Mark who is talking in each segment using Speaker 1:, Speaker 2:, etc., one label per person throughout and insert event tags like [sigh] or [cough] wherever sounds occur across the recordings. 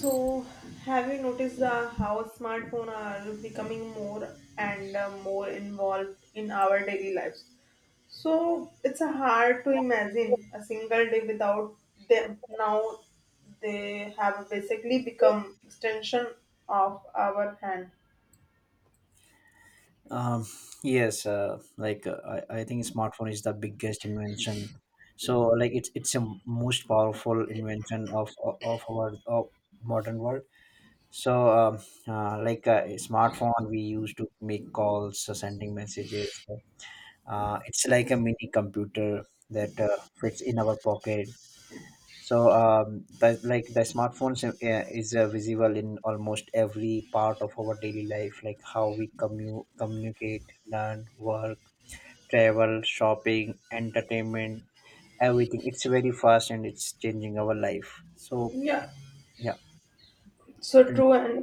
Speaker 1: So, have you noticed how smartphones are becoming more and more involved in our daily lives? So, it's hard to imagine a single day without them. Now, they have basically become extension of our hand.
Speaker 2: Um, yes, I think smartphone is the biggest invention. It's a most powerful invention of our of modern world. So um, a smartphone we use to make calls, sending messages. It's like a mini computer that fits in our pocket. So, that like the smartphones is visible in almost every part of our daily life, like how we communicate, learn, work, travel, shopping, entertainment, everything. It's very fast and it's changing our life. So,
Speaker 1: Yeah,
Speaker 2: yeah.
Speaker 1: so true and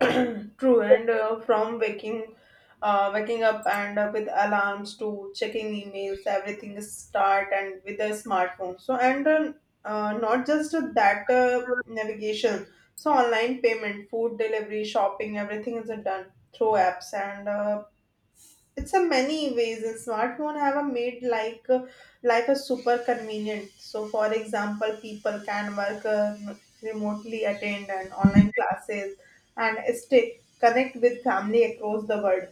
Speaker 1: [clears throat] true and from waking up and with alarms to checking emails everything is start and with the smartphone so and not just that navigation so online payment food delivery shopping everything is done through apps and it's a many ways and smartphone have a made like life a super convenient so for example people can work remotely attend and online classes and stay connect with family across the world.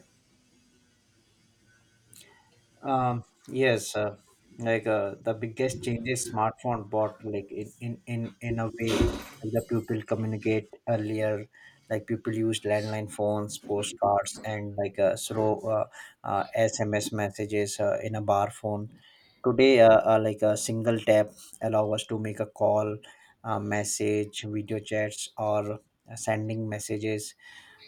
Speaker 2: Um, yes, the biggest changes smartphone brought, like in a way, like the people communicate earlier. Like people used landline phones, postcards, and like slow SMS messages in a bar phone. Today, like a single tap allow us to make a call, a message, video chats, or sending messages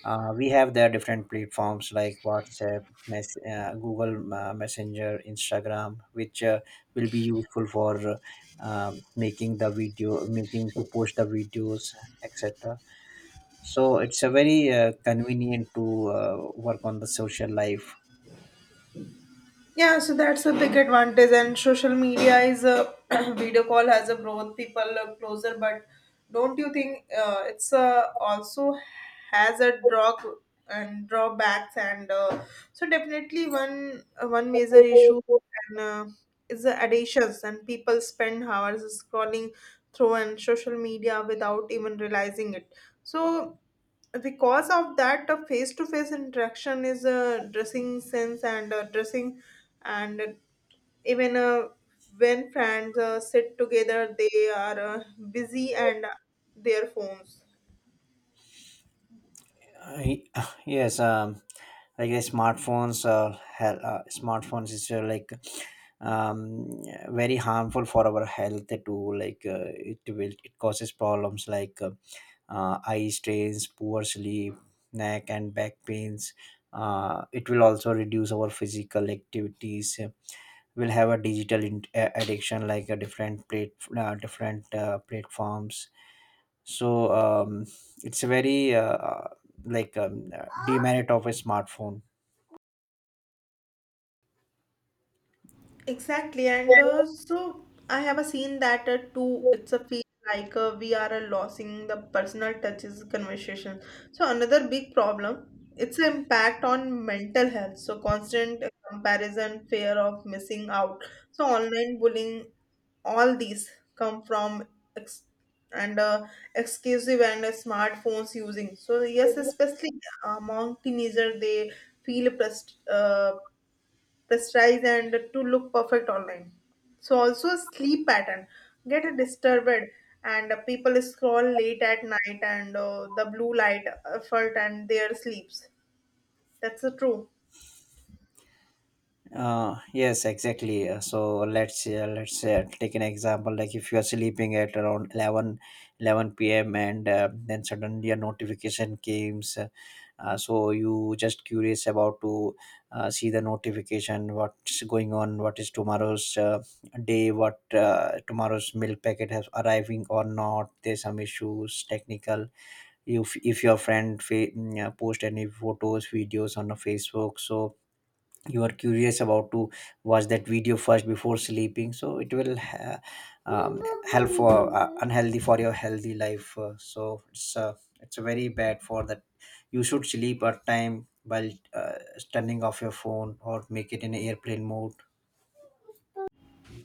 Speaker 2: we have their different platforms like WhatsApp, Google Messenger, Instagram, which will be useful for making the video, making to post the videos, etc. So it's a very convenient to work on the social life.
Speaker 1: Yeah, so that's a big advantage, and social media is a [clears throat] video call has a brought people closer. But don't you think it's also has a drawbacks, and so definitely one major issue and is the addictions, and people spend hours scrolling through and social media without even realizing it. So because of that a face-to-face interaction is a dressing sense and a dressing and even when friends sit together they are busy and their phones.
Speaker 2: I, [sighs] yes, smartphones, smartphones is like very harmful for our health too like it will it causes problems like eye strains, poor sleep, neck and back pains. It will also reduce our physical activities. We'll have a digital addiction like a different platforms. So um, it's a very demerit of a smartphone.
Speaker 1: Exactly, and so I have a scene that too. It's a feel like we are losing the personal touches conversation. So another big problem, it's the impact on mental health. So constant comparison, fear of missing out. So online bullying, all these come from ex- and exclusive and smartphones using. So yes, especially among teenager, they feel pressed. The size and to look perfect online. So also sleep pattern get disturbed and people scroll late at night and the blue light effort and their sleeps. That's the true.
Speaker 2: Yes, exactly. So let's take an example. Like if you are sleeping at around 11 11 p.m. and then suddenly a notification comes, so you just curious about to see the notification, what's going on, what is tomorrow's day, what tomorrow's milk packet has arriving or not, there's some issues technical. If your friend post any photos, videos on the facebook, so you are curious about to watch that video first before sleeping, so it will um, help for unhealthy for your healthy life. So it's very bad for that. You should sleep at time while turning off your phone or make it in airplane mode.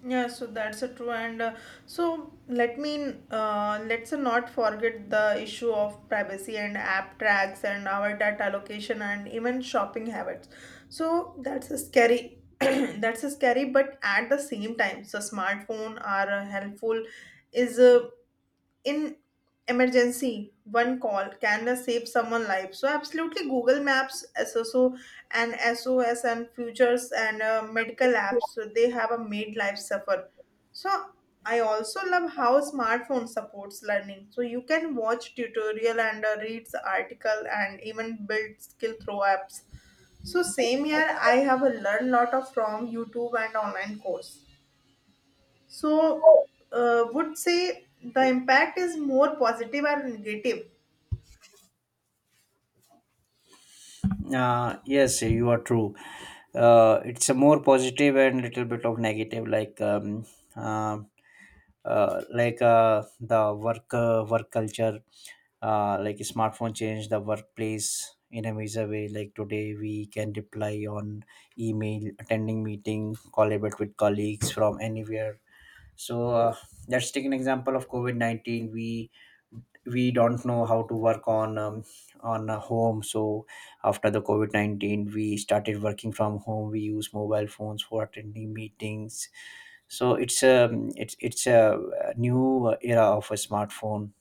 Speaker 1: Yeah, so that's a true and so let's not forget the issue of privacy and app tracks and our data location and even shopping habits. So that's a scary [clears throat] that's a scary but at the same time so smartphone are helpful is in emergency one call can save someone life so absolutely google maps sso and sos and futures and medical apps so they have a made life suffer so I also love how smartphone supports learning so you can watch tutorial and read the article and even build skill through apps so same here I have learned lot of from youtube and online course so, would say the impact is more positive or negative.
Speaker 2: Yes, you are true. Uh, it's a more positive and little bit of negative, like uh, the work culture. Smartphone changed the workplace in a major way, like today we can reply on email, attending meeting, collaborate with colleagues from anywhere. So let's take an example of covid-19. We we don't know how to work on a home, so after the covid-19 we started working from home, we use mobile phones for attending meetings. So it's a new era of a smartphone.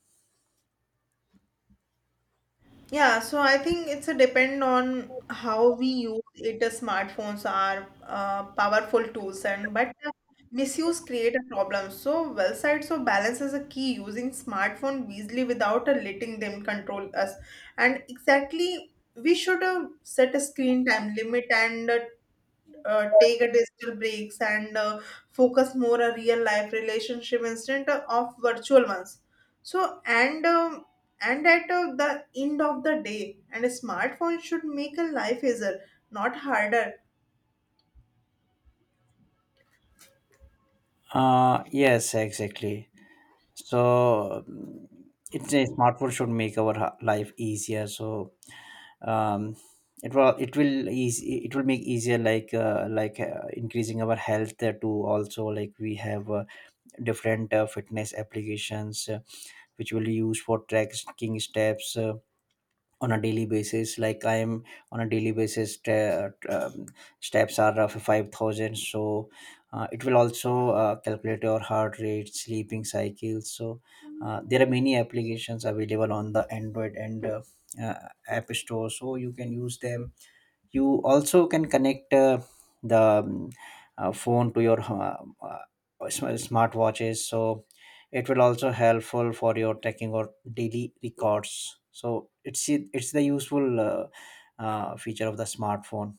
Speaker 1: Yeah, so I think it's a depend on how we use it. The smartphones are powerful tools, and but misuse create a problem. So, well side, so balance is a key. Using smartphone wisely without letting them control us, and exactly we should set a screen time limit and. Take a digital breaks and focus more on real life relationship instead of virtual ones so and at the end of the day and a smartphone should make a life easier not harder.
Speaker 2: Yes, exactly. So mm, it's a smartphone should make our life easier. So um, it will make easier, like increasing our health too. Also, like we have different fitness applications which will use for tracking steps. On a daily basis, like I am on a daily basis, um, steps are of 5,000. So it will also calculate your heart rate, sleeping cycles. So there are many applications available on the android and uh, app store, so you can use them. You also can connect the phone to your smartwatches. So it will also helpful for your tracking or daily records. So it's the useful feature of the smartphone.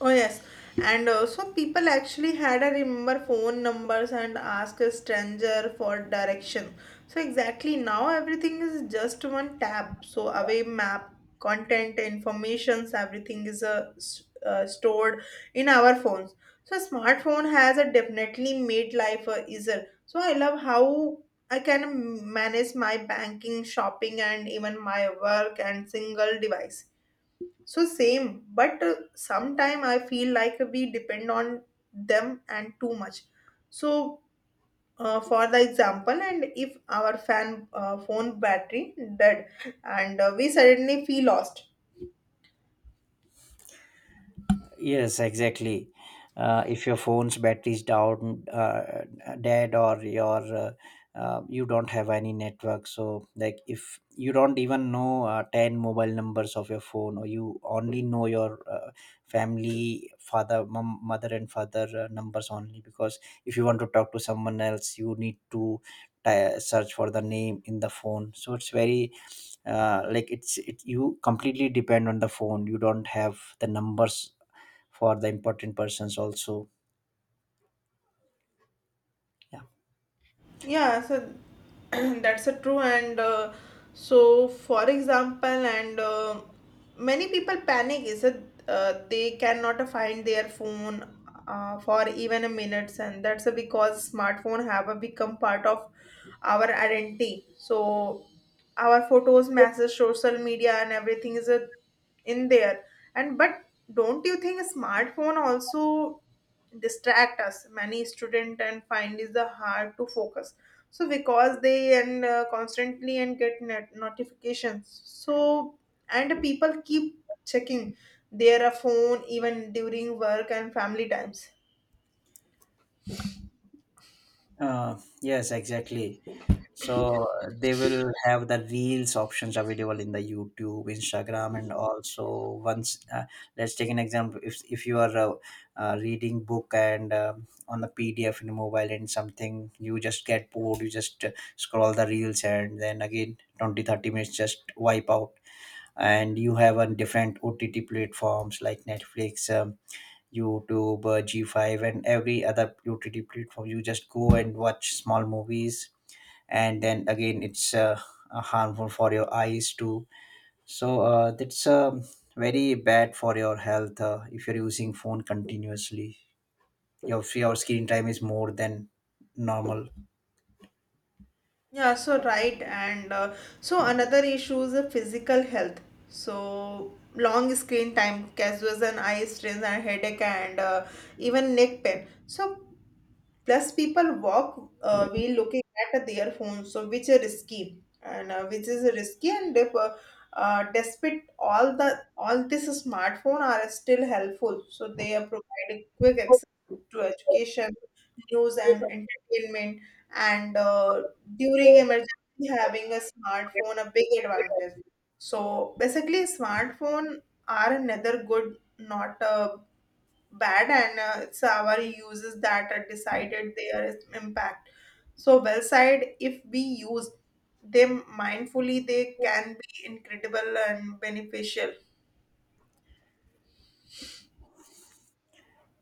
Speaker 1: Oh yes, and also people actually had a remember phone numbers and ask a stranger for direction. So exactly now everything is just one tap. So away map, content, informations, everything is stored in our phones. So smartphone has a definitely made life easier. So I love how I can manage my banking, shopping, and even my work and single device so same, but sometime I feel like we depend on them and too much. So for the example, and if our fan phone battery dead, and we suddenly feel lost.
Speaker 2: Yes, exactly. If your phone's battery's dead, or you don't have any network, so like if you don't even know ten mobile numbers of your phone, or you only know your family, father, mom, mother, and father numbers only, because if you want to talk to someone else, you need to search for the name in the phone. So it's very you completely depend on the phone, you don't have the numbers for the important persons also, yeah.
Speaker 1: Yeah, so [clears throat] that's a true and so for example, and many people panic is that they cannot find their phone for even a minutes, and that's because smartphone have become part of our identity. So our photos, messages, social media, and everything is in there. And but don't you think smartphone also distract us? Many student and find is the hard to focus. So because they and constantly and get net notifications. So and people keep checking their phone even during work and family times.
Speaker 2: Uh, yes, exactly. So they will have the reels options available in the YouTube, Instagram, and also once, uh, let's take an example. If you are reading book and on the PDF in mobile and something, you just get bored. You just scroll the reels and then again 20, 30 minutes just wipe out. And you have on different OTT platforms like Netflix. YouTube, G5, and every other OTT platform. You just go and watch small movies, and then again, it's harmful for your eyes too. So that's very bad for your health if you're using phone continuously. Your screen time is more than normal.
Speaker 1: Yeah, so right, and so another issue is the physical health. So long screen time causes an eye strain and headache and even neck pain. So plus, people walk while looking at their phones, so which is risky, and which is risky. And if, despite all this smartphone are still helpful, so they are providing quick access to education, news, and entertainment. And during emergency, having a smartphone a big advantage. So basically, smartphone are another good, not a bad and it's our uses that are decided their impact so well side if we use them mindfully they can be incredible and beneficial.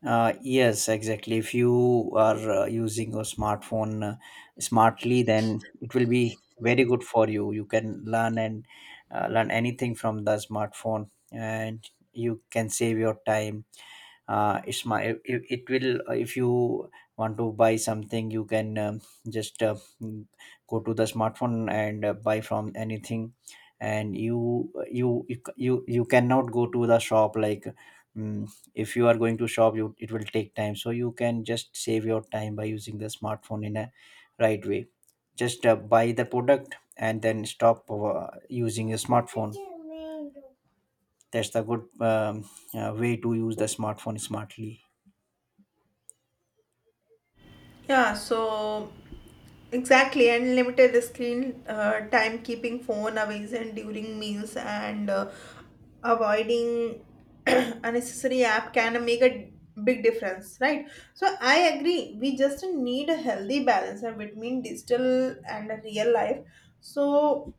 Speaker 2: Yes, exactly. If you are using your smartphone smartly, then it will be very good for you. You can learn and learn anything from the smartphone, and you can save your time. It's my it, it will If you want to buy something, you can just go to the smartphone and buy from anything. And you cannot go to the shop, like mm, if you are going to shop, you it will take time, so you can just save your time by using the smartphone in a right way. Just buy the product and then stop using your smartphone. That's the good way to use the smartphone smartly.
Speaker 1: Yeah, so exactly, and limited screen time, keeping phone away and during meals, and avoiding [clears throat] unnecessary app can make a big difference, right? So I agree. We just need a healthy balance between digital and real life. So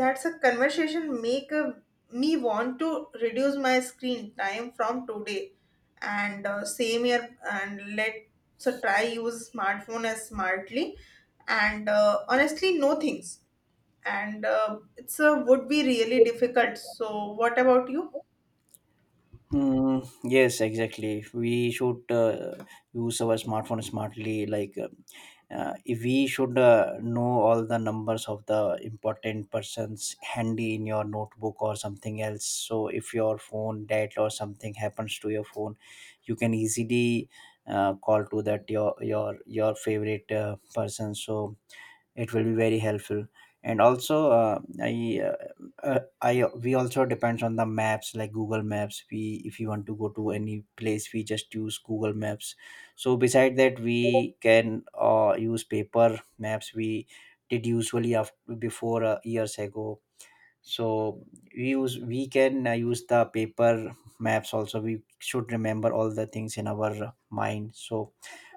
Speaker 1: that's a conversation make a, me want to reduce my screen time from today and same here and let's try use smartphone as smartly and honestly no things and it's would be really difficult so what about you.
Speaker 2: Mm, yes, exactly. We should use our smartphone smartly. If we should know all the numbers of the important persons handy in your notebook or something else. So, if your phone dead or something happens to your phone, you can easily call to that your your favorite person. So, it will be very helpful. And also uh, I, we also depends on the maps, like google maps. We if you want to go to any place we just use google maps, so beside that we can use paper maps. We did usually after, before years ago, so we use we can use the paper maps also, we should remember all the things in our mind so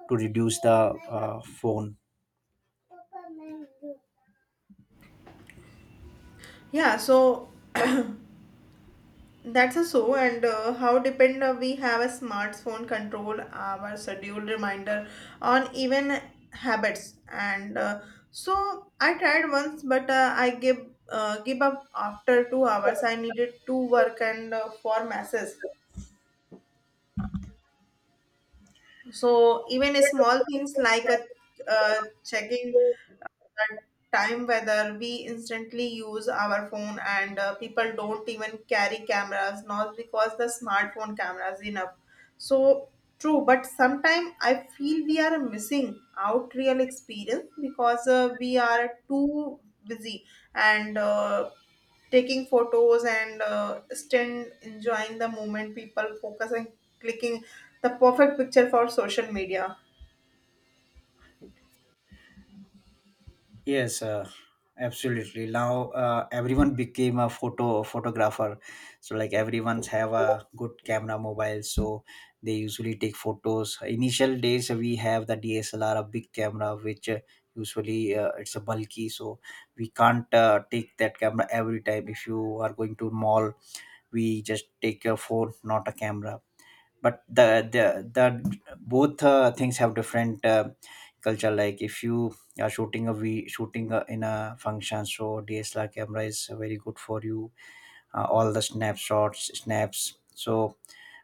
Speaker 2: to reduce the phone.
Speaker 1: yeah so That's a so, and how depend we have a smartphone control our schedule reminder on even habits. And so I tried once, but I give give up after 2 hours. I needed to work and for masses. So even small things like a uh, checking the time whether we instantly use our phone and people don't even carry cameras not because the smartphone camera is enough so true but sometimes I feel we are missing out real experience because we are too busy and taking photos and still enjoying the moment people focus and clicking the perfect picture for social media.
Speaker 2: Yes, absolutely. Now everyone became a photographer, so like everyone's have a good camera mobile, so they usually take photos. Initial days we have the DSLR, a big camera, which usually it's a bulky, so we can't take that camera every time. If you are going to mall, we just take your phone, not a camera. But the both things have different culture. Like if you are shooting a, in a function, so dslr camera is very good for you, all the snaps. So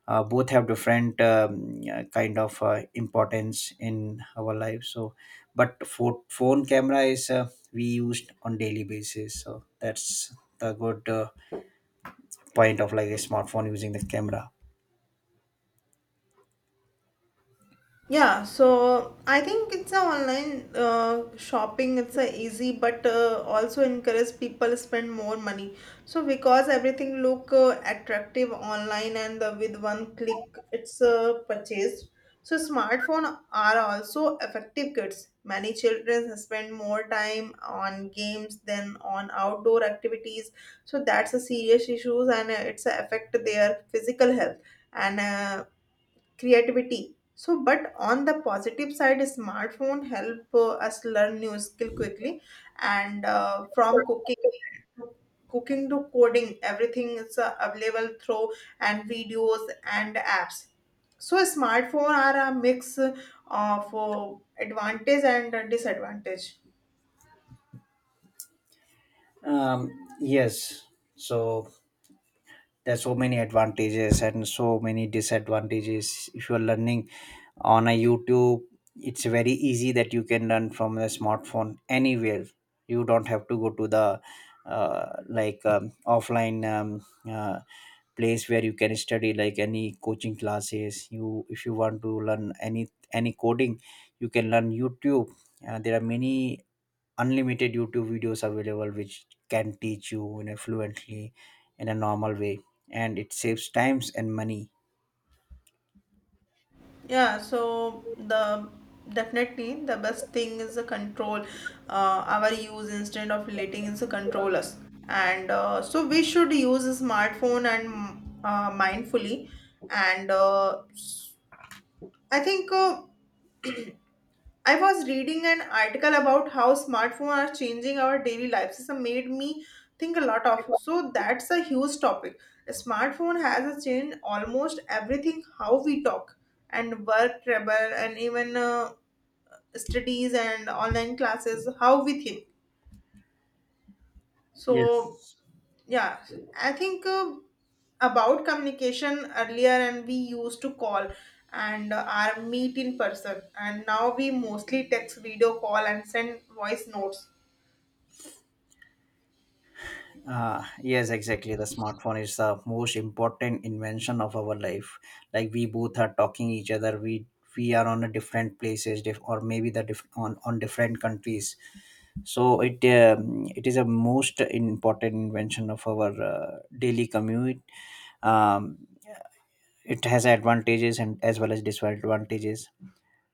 Speaker 2: both have different kind of importance in our life. So but for phone camera is we used on daily basis, so that's the good point of like a smartphone using the camera.
Speaker 1: Yeah, so I think it's a online shopping. It's a easy, but also encourage people spend more money. So because everything look attractive online and with one click, it's purchased. So smartphone are also effective kids. Many children spend more time on games than on outdoor activities. So that's a serious issues and it's a affect their physical health and creativity so but on the positive side smartphone help us learn new skill quickly and from cooking to coding everything is available through and videos and apps so smartphone are a mix of advantage and disadvantage.
Speaker 2: um, yes, so there's so many advantages and so many disadvantages. If you're learning on a youtube, it's very easy that you can learn from a smartphone anywhere. You don't have to go to the like offline uh, place where you can study, like any coaching classes. You if you want to learn any coding, you can learn youtube. There are many unlimited youtube videos available which can teach you in a fluently in a normal way, and it saves times and money.
Speaker 1: Yeah, so the definitely the best thing is the control our use instead of letting it control us. And so we should use a smartphone and mindfully. And I think uh, I was reading an article about how smartphone are changing our daily lives. It made me think a lot of. So that's a huge topic. A smartphone has changed almost everything how we talk and work travel and even studies and online classes how we think so
Speaker 2: yes
Speaker 1: yeah I think about communication earlier and we used to call and our meet in person and now we mostly text video call and send voice notes.
Speaker 2: yes, exactly, the smartphone is the most important invention of our life. Like we both are talking each other, we are on a different places, diff- or maybe the diff- on different countries. So it it is a most important invention of our daily commute. um, it has advantages and as well as disadvantages.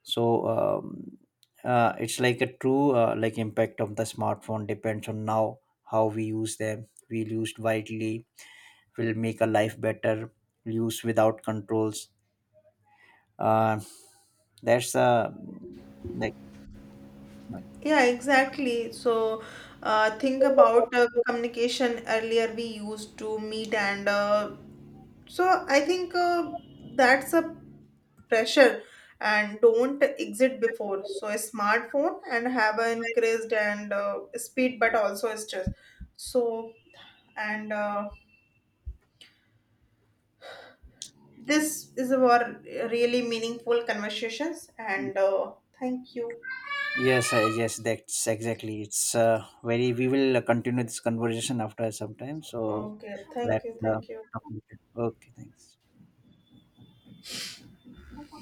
Speaker 2: So um, it's like a true impact of the smartphone depends on now how we use them. We used widely, will make a life better. Use without controls, uh, that's like
Speaker 1: Yeah exactly so think about communication earlier we used to meet and so I think that's a pressure and don't exit before so a smartphone and have an increased and speed but also stress so and this is our really meaningful conversations and thank you
Speaker 2: yes. Yes, that's exactly, it's very we will continue this conversation after some time. So
Speaker 1: okay thank you
Speaker 2: that's
Speaker 1: thank you.
Speaker 2: okay, thanks.